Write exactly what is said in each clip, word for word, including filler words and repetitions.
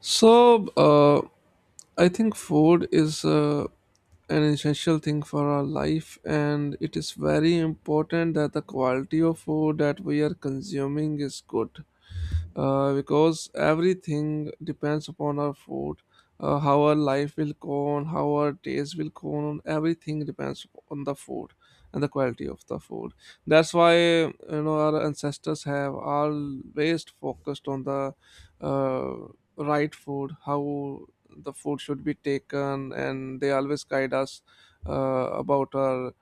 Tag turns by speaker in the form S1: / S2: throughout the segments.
S1: So, uh, I think food is uh, an essential thing for our life, and it is very important that the quality of food that we are consuming is good uh, because everything depends upon our food. Uh, how our life will go on, how our days will go on, everything depends on the food and the quality of the food. That's why you know our ancestors have always focused on the uh, right food, how the food should be taken, and they always guide us uh, about our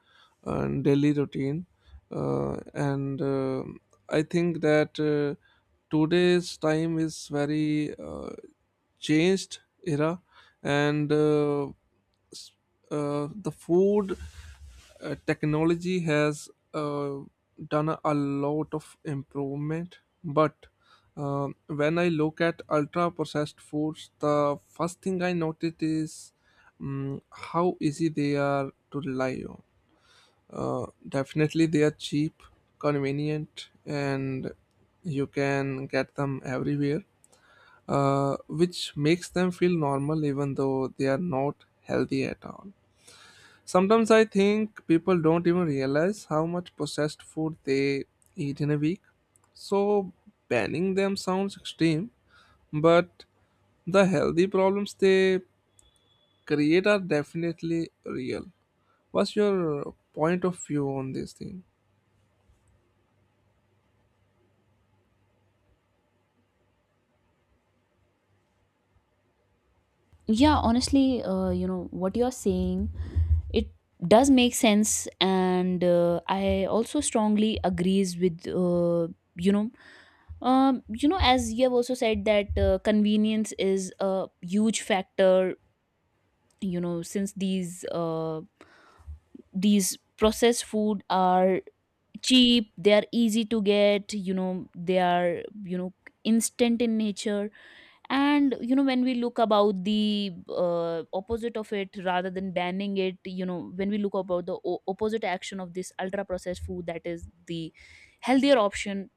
S1: uh, daily routine. Uh, and uh, I think that uh, today's time is very uh, changed era, and uh, s- uh, the food uh, technology has uh, done a lot of improvement, but uh, when I look at ultra processed foods, the first thing I noticed is um, how easy they are to rely on. uh, Definitely they are cheap, convenient, and you can get them everywhere, uh, which makes them feel normal even though they are not healthy at all. Sometimes I think people don't even realize how much processed food they eat in a week. So banning them sounds extreme, but the healthy problems they create are definitely real. What's your point of view on this thing?
S2: yeah honestly, uh, you know what you're saying it does make sense. And uh, I also strongly agrees with uh, you know um, you know as you have also said that uh, convenience is a huge factor. You know since these uh, these processed food are cheap, they are easy to get, you know they are, you know instant in nature. And you know when we look about the uh, opposite of it, rather than banning it, you know when we look about the o- opposite action of this ultra processed food, that is the healthier option.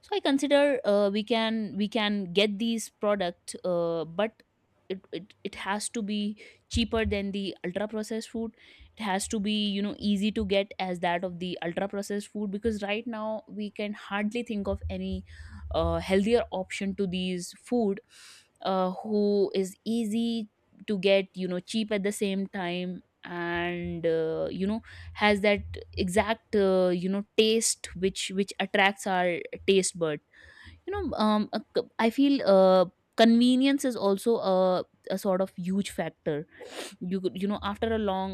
S2: So I consider, uh, we can we can get these product, uh, but it, it it has to be cheaper than the ultra processed food. It has to be, you know easy to get as that of the ultra processed food, because right now we can hardly think of any uh, healthier option to these food, uh, who is easy to get, you know cheap, at the same time. And uh, you know has that exact uh, you know taste which which attracts our taste bud. you know um a c- I feel uh, convenience is also a, a sort of huge factor. you could- you know after a long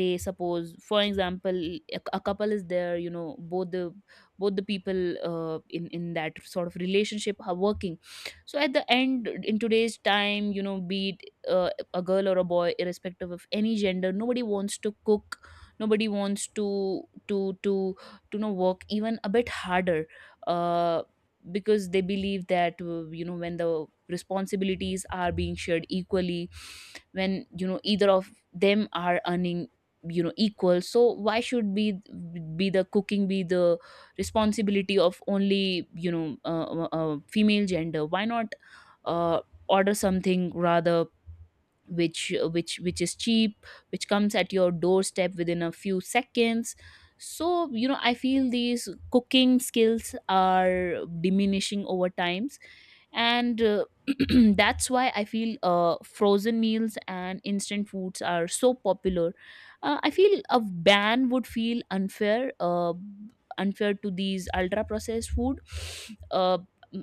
S2: day, suppose for example, a, a couple is there, you know both the both the people uh, in in that sort of relationship are working. So at the end, in today's time, you know be it uh, a girl or a boy, irrespective of any gender, nobody wants to cook, nobody wants to to to to you know work even a bit harder, uh, because they believe that, uh, you know when the responsibilities are being shared equally, when, you know either of them are earning, you know equal. So why should be be the cooking, be the responsibility of only, you know uh, uh, uh, female gender? Why not uh, order something rather, which which which is cheap, which comes at your doorstep within a few seconds. So, you know I feel these cooking skills are diminishing over times. And uh, that's why I feel uh, frozen meals and instant foods are so popular. uh, I feel a ban would feel unfair, uh, unfair to these ultra processed food, uh,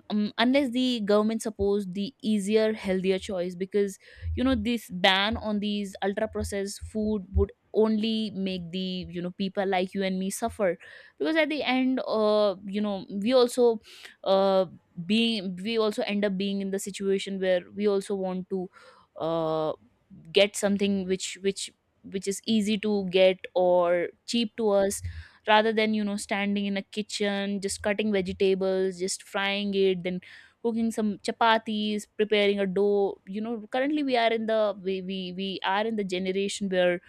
S2: um, unless the government supports the easier healthier choice, because, you know this ban on these ultra processed food would only make the, you know people like you and me suffer. Because at the end, uh you know we also, uh, being we also end up being in the situation where we also want to uh, get something which, which which is easy to get or cheap to us, rather than, you know standing in a kitchen just cutting vegetables, just frying it, then cooking some chapatis, preparing a dough. You know currently we are in the, we we, we are in the generation where,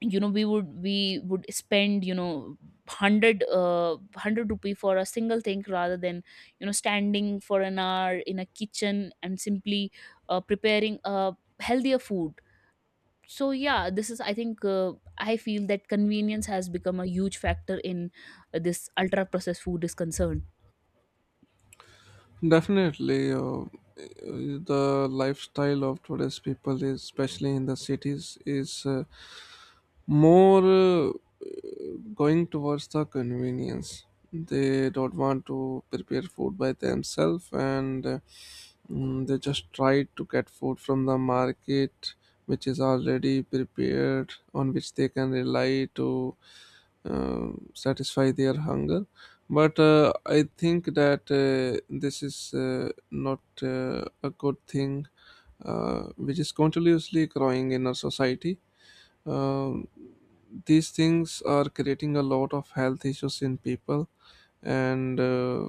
S2: you know we would we would spend, you know one hundred uh one hundred rupee for a single thing, rather than, you know standing for an hour in a kitchen and simply uh, preparing a healthier food. So yeah, this is, I think, uh, I feel that convenience has become a huge factor in, uh, this ultra processed food is concerned.
S1: Definitely, uh, the lifestyle of today's people is, especially in the cities, is uh, more uh, going towards the convenience. They don't want to prepare food by themselves, and uh, mm, they just try to get food from the market which is already prepared, on which they can rely to uh, satisfy their hunger. But uh, I think that uh, this is uh, not uh, a good thing, uh, which is continuously growing in our society. um, these things are creating a lot of health issues in people, and uh,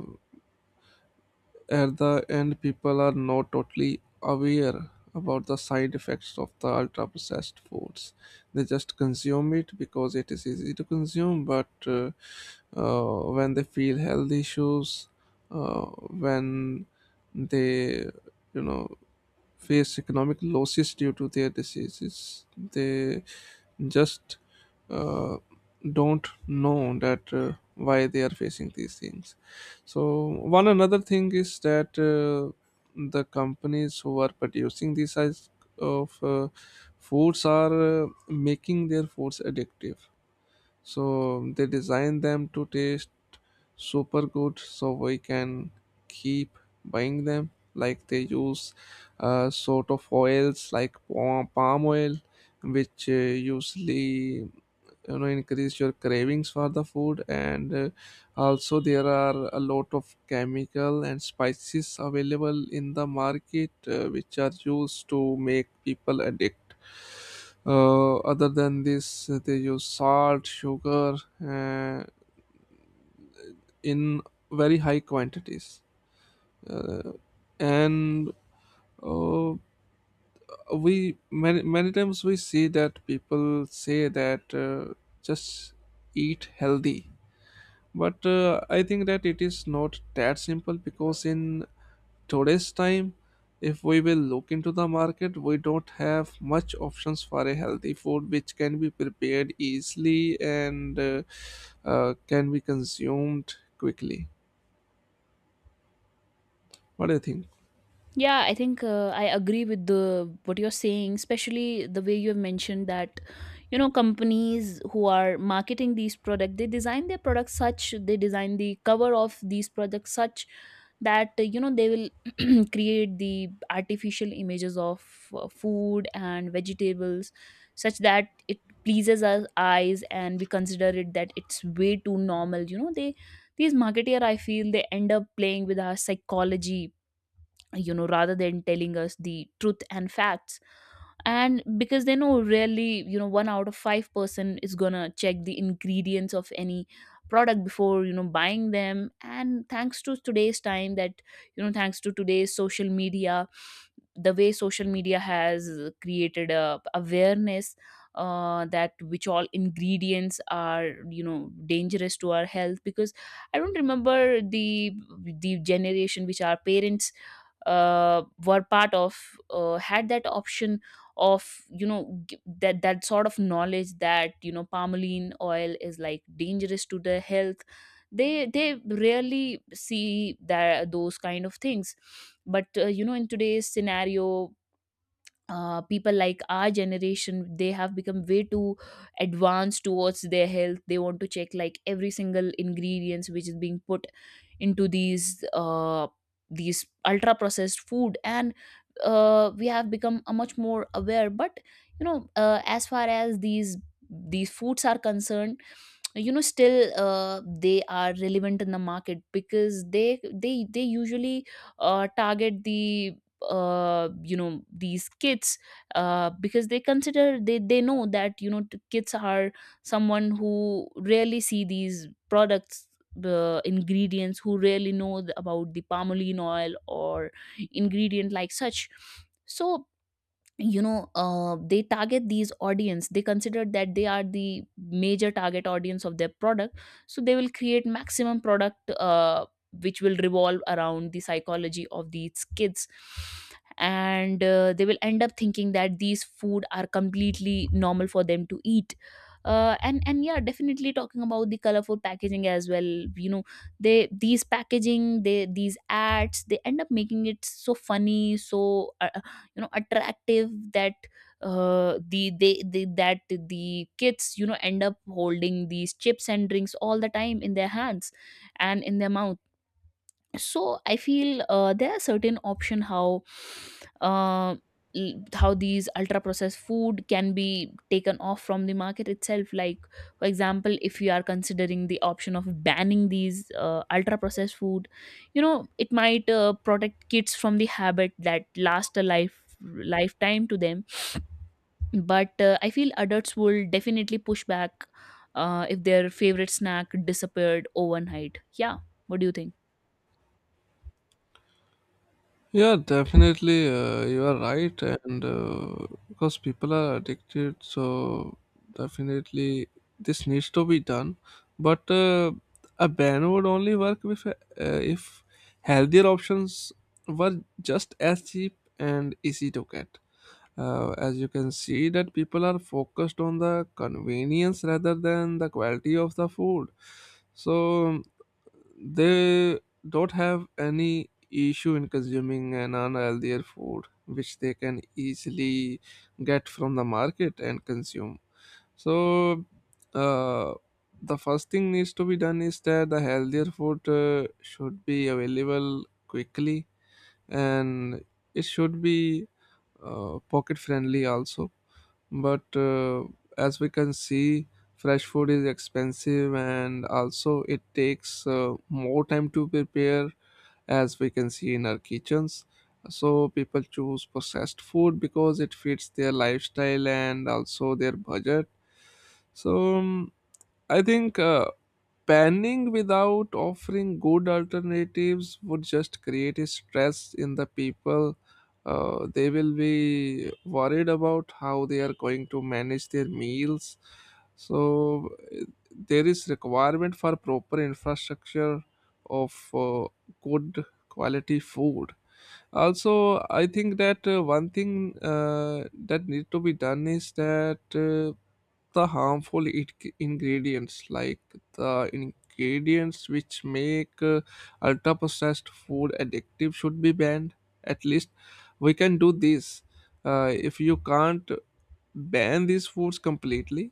S1: at the end, people are not totally aware about the side effects of the ultra processed foods. They just consume it because it is easy to consume, but uh, uh, when they feel health issues, uh, when they you know face economic losses due to their diseases, they just uh, don't know that uh, why they are facing these things. So one another thing is that uh, the companies who are producing these size of uh, foods are uh, making their foods addictive. So they design them to taste super good so we can keep buying them. Like they use uh, sort of oils like palm palm oil, which uh, usually you know increase your cravings for the food, and uh, also there are a lot of chemical and spices available in the market, uh, which are used to make people addict. Uh, other than this, uh, they use salt, sugar, uh, in very high quantities, uh, and uh, we, many, many times we see that people say that uh, just eat healthy. But uh, I think that it is not that simple, because in today's time, if we will look into the market, we don't have much options for a healthy food which can be prepared easily, and uh, uh, can be consumed quickly. What do you think?
S2: Yeah, I think uh, I agree with the what you're saying, especially the way you have mentioned that, you know companies who are marketing these products, they design their products such, they design the cover of these products such that uh, you know they will create the artificial images of uh, food and vegetables, such that it pleases our eyes and we consider it that it's way too normal. You know, they, these marketeer, I feel they end up playing with our psychology, you know rather than telling us the truth and facts. And because they know, really, you know one out of five person is gonna check the ingredients of any product before you know buying them. And thanks to today's time that, you know thanks to today's social media, the way social media has created a awareness, uh, that which all ingredients are, you know dangerous to our health. Because I don't remember the the generation which our parents uh, were part of uh, had that option of, you know g- that that sort of knowledge that, you know palmoline oil is like dangerous to the health. they they rarely see that those kind of things. But uh, you know in today's scenario, uh, people like our generation, they have become way too advanced towards their health. They want to check like every single ingredients which is being put into these uh, these ultra processed food. And uh, we have become a much more aware. But, you know uh, as far as these these foods are concerned, you know still uh, they are relevant in the market because they they they usually uh, target the, uh you know these kids, uh because they consider, they they know that, you know t- kids are someone who rarely see these products, the ingredients, who rarely know th- about the palm oil or ingredient like such. So, you know uh, they target these audience. They consider that they are the major target audience of their product. So they will create maximum product, uh, which will revolve around the psychology of these kids. And uh, they will end up thinking that these food are completely normal for them to eat. uh, and and yeah, definitely talking about the colorful packaging as well, you know they, these packaging, they, these ads, they end up making it so funny, so uh, you know attractive that uh, the they, they that the kids, you know end up holding these chips and drinks all the time in their hands and in their mouth. So I feel uh, there are certain option how, uh, l- how these ultra processed food can be taken off from the market itself. Like for example, if you are considering the option of banning these uh, ultra processed food, you know it might uh, protect kids from the habit that last a life lifetime to them. But uh, I feel adults will definitely push back uh, if their favorite snack disappeared overnight. Yeah, what do you think?
S1: Yeah, definitely. Uh, you are right, and uh, because people are addicted, so definitely this needs to be done. But uh, a ban would only work if uh, if healthier options were just as cheap and easy to get. Uh, as you can see, that people are focused on the convenience rather than the quality of the food. So they don't have any issue in consuming an unhealthier food, which they can easily get from the market and consume. So, uh, the first thing needs to be done is that the healthier food uh, should be available quickly and it should be uh, pocket friendly also. But uh, as we can see, fresh food is expensive and also it takes uh, more time to prepare, as we can see in our kitchens. So people choose processed food because it fits their lifestyle and also their budget. So um, I think uh, panning without offering good alternatives would just create a stress in the people. Uh, they will be worried about how they are going to manage their meals. So eh, there is requirement for proper infrastructure of uh, good quality food. Also, I think that uh, one thing uh, that need to be done is that, Uh, the harmful it- ingredients like the ingredients which make uh, ultra processed food addictive should be banned. At least we can do this. Uh, if you can't ban these foods completely,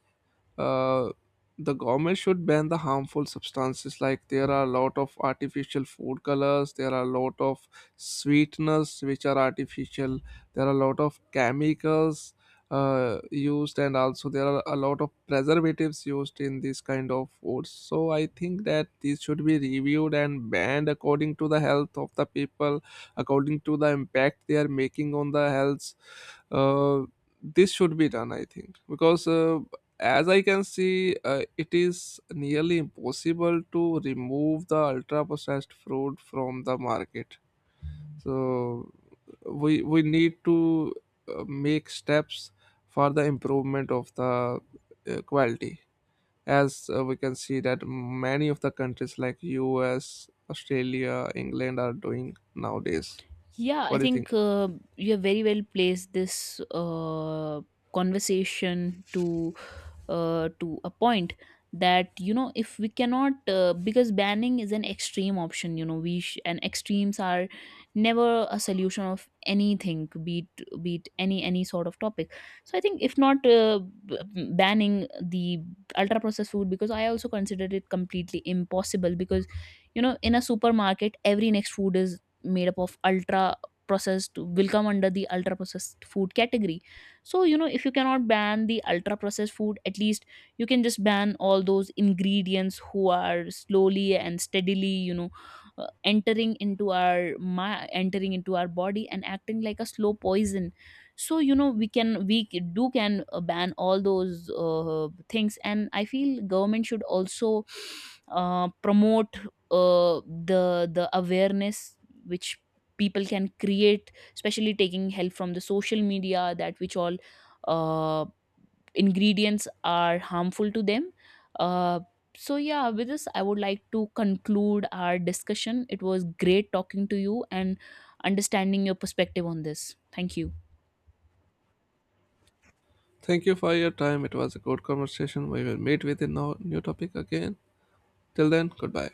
S1: uh, the government should ban the harmful substances. Like there are a lot of artificial food colors, there are a lot of sweeteners which are artificial, there are a lot of chemicals uh, used, and also there are a lot of preservatives used in this kind of foods. So I think that these should be reviewed and banned according to the health of the people, according to the impact they are making on the health. uh, this should be done, I think, because uh, as I can see, uh, it is nearly impossible to remove the ultra processed fruit from the market. So we we need to uh, make steps for the improvement of the uh, quality, as uh, we can see that many of the countries like U S, Australia, England are doing nowadays.
S2: Yeah, I
S1: What do you think?
S2: think uh, you have very well placed this uh, conversation to, uh, to a point that, you know if we cannot uh, because banning is an extreme option. You know, we sh- and extremes are never a solution of anything, be it, be it any any sort of topic. So I think, if not uh, b- banning the ultra processed food, because I also consider it completely impossible, because, you know in a supermarket every next food is made up of ultra processed, will come under the ultra processed food category. So, you know if you cannot ban the ultra processed food, at least you can just ban all those ingredients who are slowly and steadily, you know uh, entering into our my entering into our body and acting like a slow poison. So, you know we can we c- do can uh, ban all those uh, things. And I feel government should also uh, promote uh, the the awareness which people can create, especially taking help from the social media, that which all uh, ingredients are harmful to them. uh, so yeah, with this I would like to conclude our discussion. It was great talking to you and understanding your perspective on this. Thank you.
S1: Thank you for your time. It was a good conversation. We will meet with a no- new topic again. Till then, goodbye.